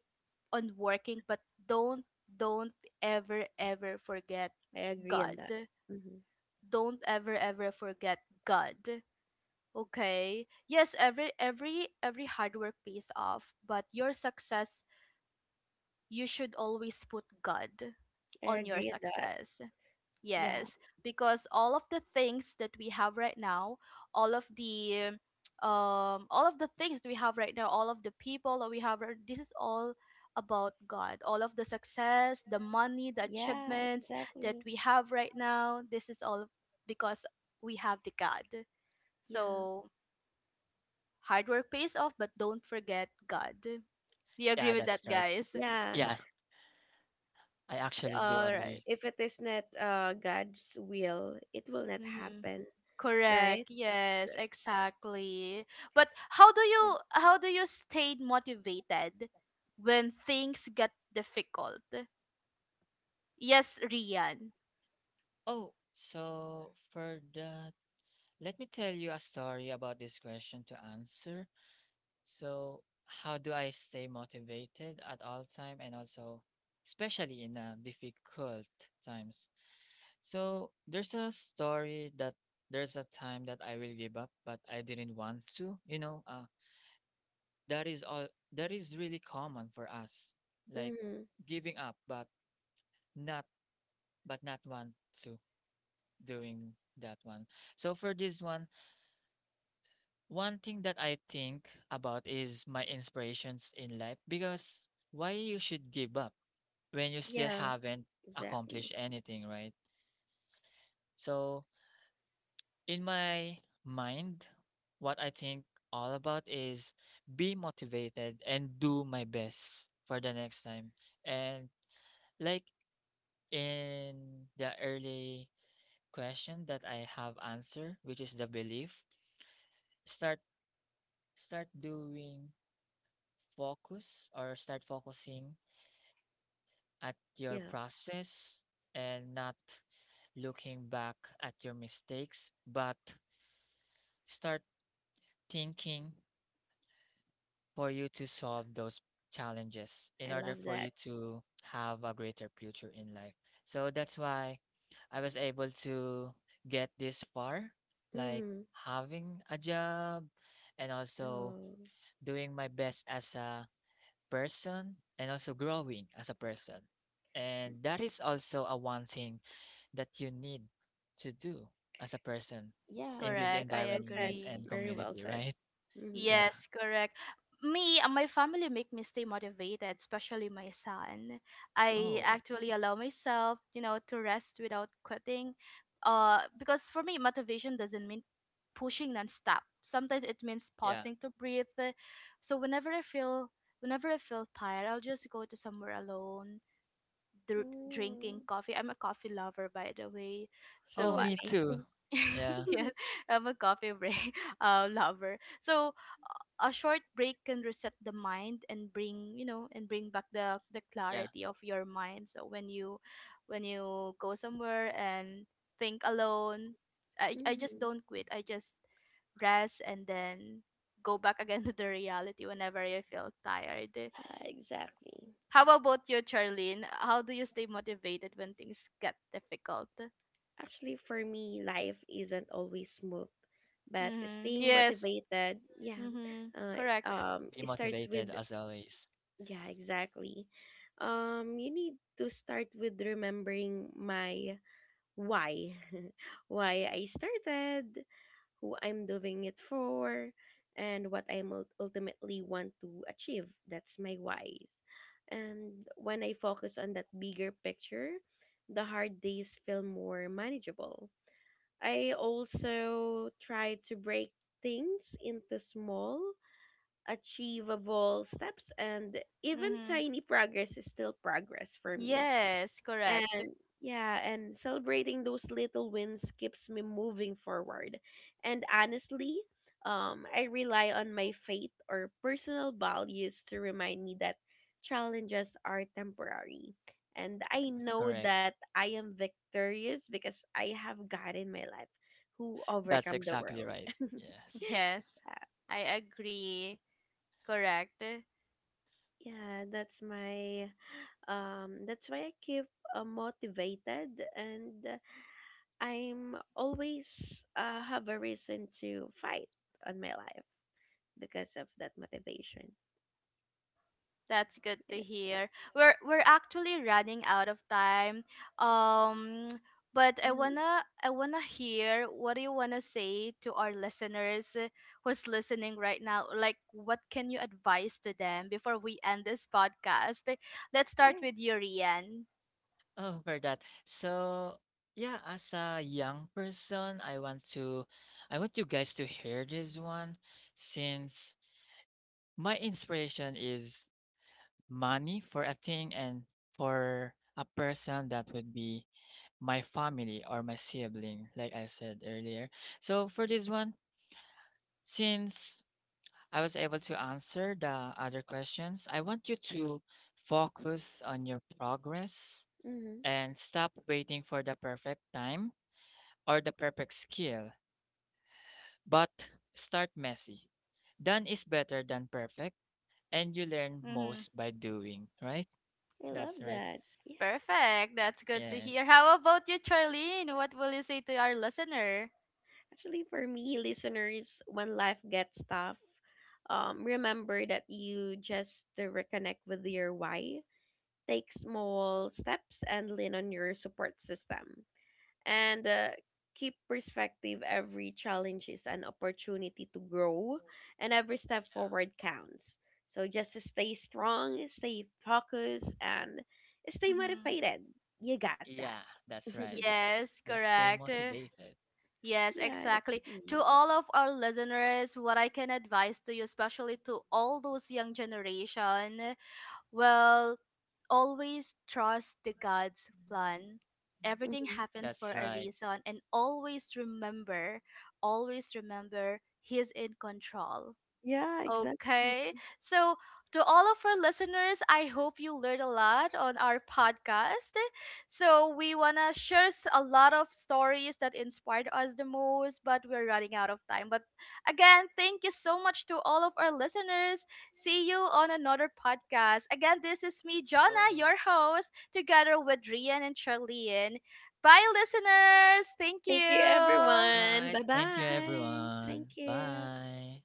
on working, but don't don't ever forget
I agree
God.
on that. hmm
Don't ever forget God. Okay? Yes, every hard work pays off, but your success, you should always put God
I
on your
agree on that.
success.
Yeah.
Yes, because all of the things that we have right now, all of the all of the things that we have right now, all of the people that we have, right, this is all about God. All of the success, the money, the
Yeah,
achievements that
exactly.
we have right now, this is all because we have the God.
Yeah.
So hard work pays off, but don't forget God. Do you agree
Yeah,
with
that's
that,
right.
guys?
Yeah.
Yeah, I
Yeah.
actually do
All right.
agree.
If it is not God's will, it will not
Mm-hmm.
happen, right?
Correct.
So
Yes, exactly. But how do
yeah.
you how do you stay motivated when things get difficult? Yes, Rian.
Oh, so for that, let me tell you a story about this question to answer. So, how do I stay motivated at all time, and also especially in difficult times? So, there's a story that there's a time that I will give up, but I didn't want to, that is all that is really common for us, like
Mm-hmm.
giving up, but not not want to. Doing that one. So for this one, one thing that I think about is my inspirations in life because why you should give up when you still
Yeah,
haven't accomplished
exactly.
anything, right? So in my mind, what I think all about is be motivated and do my best for the next time. And like in the early question that I have answered, which is the belief, start start doing, focus or start focusing at your
Yeah.
process, and not looking back at your mistakes, but start thinking for you to solve those challenges in
I
order
love
for you
that.
to have a greater future in life. So that's why I was able to get this far, like
Mm-hmm.
having a job, and also
Oh.
doing my best as a person, and also growing as a person. And that is also a one thing that you need to do as a person
Yeah.
in this
Correct, I
Well
environment
said.
agree.
and
Very well
community,
said.
right?
Mm-hmm.
Yeah.
Yes, correct. Me and my family make me stay motivated, especially my son. I
Oh,
actually allow myself, you know, to rest without quitting. Because for me, motivation doesn't mean pushing nonstop. Sometimes it means
yeah.
pausing to breathe. So whenever I feel tired, I'll just go to somewhere alone,
Mm-hmm.
drinking coffee. I'm a coffee lover, by the way.
Same
So
Oh,
with
I,
me
me.
too. Yeah,
Mm-hmm.
yeah, I'm a coffee break, lover. So a short break can reset the mind and bring, and bring back the
yeah.
clarity of your mind. So when you, when you go somewhere and think alone, I just don't quit, I just rest and then go back again to the reality whenever I feel tired.
Yeah, exactly.
How about you, Charlene? How do you stay motivated when things get difficult?
Actually, for me, life isn't always smooth, but
Mm-hmm,
staying
yes.
motivated, yeah,
Mm-hmm,
That's right.
correct.
Be
it starts
motivated
with,
as always.
yeah, exactly. You need to start with remembering my why, why I started, who I'm doing it for, and what I ultimately want to achieve. That's my whys. And when I focus on that bigger picture, the hard days feel more manageable. I also try to break things into small, achievable steps, and even
Mm-hmm,
tiny progress is still progress for me.
yes, correct.
And yeah, and celebrating those little wins keeps me moving forward. And honestly, I rely on my faith or personal values to remind me that challenges are temporary, and
Yeah,
I
that's
know
correct.
that I am victorious because I have God in my life who
That's
overcome the
exactly
world.
right. Yes.
Yes,
Uh,
I agree. Correct.
yeah, that's my that's why I keep motivated, and I'm always have a reason to fight on my life because of that motivation.
That's good
You
to
know.
hear. We're actually running out of time. Um, but I
hmm
wanna I wanna hear, what do you wanna say to our listeners, who's listening right now? Like, what can you advise to them before we end this podcast? Let's start
Yeah.
with you, Rian.
Oh, for that. So, yeah, as a young person, I want you guys to hear this one since my inspiration is money for a thing, and for a person that would be my family or my sibling, like I said earlier. So for this one, since I was able to answer the other questions, I want you to focus on your progress
hmm
and stop waiting for the perfect time or the perfect skill, but start messy. Done is better than perfect, and you learn
Mm-hmm.
most by doing, right?
I love
That's right.
that. Yeah.
Perfect. That's good to
Yes.
hear. How about you, Charlene? What will you say to our listener?
Actually, for me, listeners, when life gets tough, remember that you just to reconnect with your why. Take small steps and lean on your support system. And keep perspective. Every challenge is an opportunity to grow, and every step forward counts. So just stay strong, stay focused, and stay
Mm-hmm.
motivated. You got
Yeah.
that.
Yeah, that's right.
Yes,
Just stay
correct.
motivated.
Yes,
Yeah, that's
exactly. To
me.
all of our listeners, what I can advise to you, especially to all those young generation, well, always trust the God's plan. Everything
hmm
That's
happens for
right.
a reason, and always remember, He's in control.
Yeah, exactly.
Okay. So, to all of our listeners, I hope you learned a lot on our podcast. So, we want to share a lot of stories that inspired us the most, but we're running out of time. But again, thank you so much to all of our listeners. See you on another podcast. Again, this is me,
So,
Jonna, your host, together with Rian and Charlene. Bye, listeners. Thank
Thank you,
you.
everyone.
bye.
Bye
Thank you,
bye. Thank
everyone.
you.
Bye.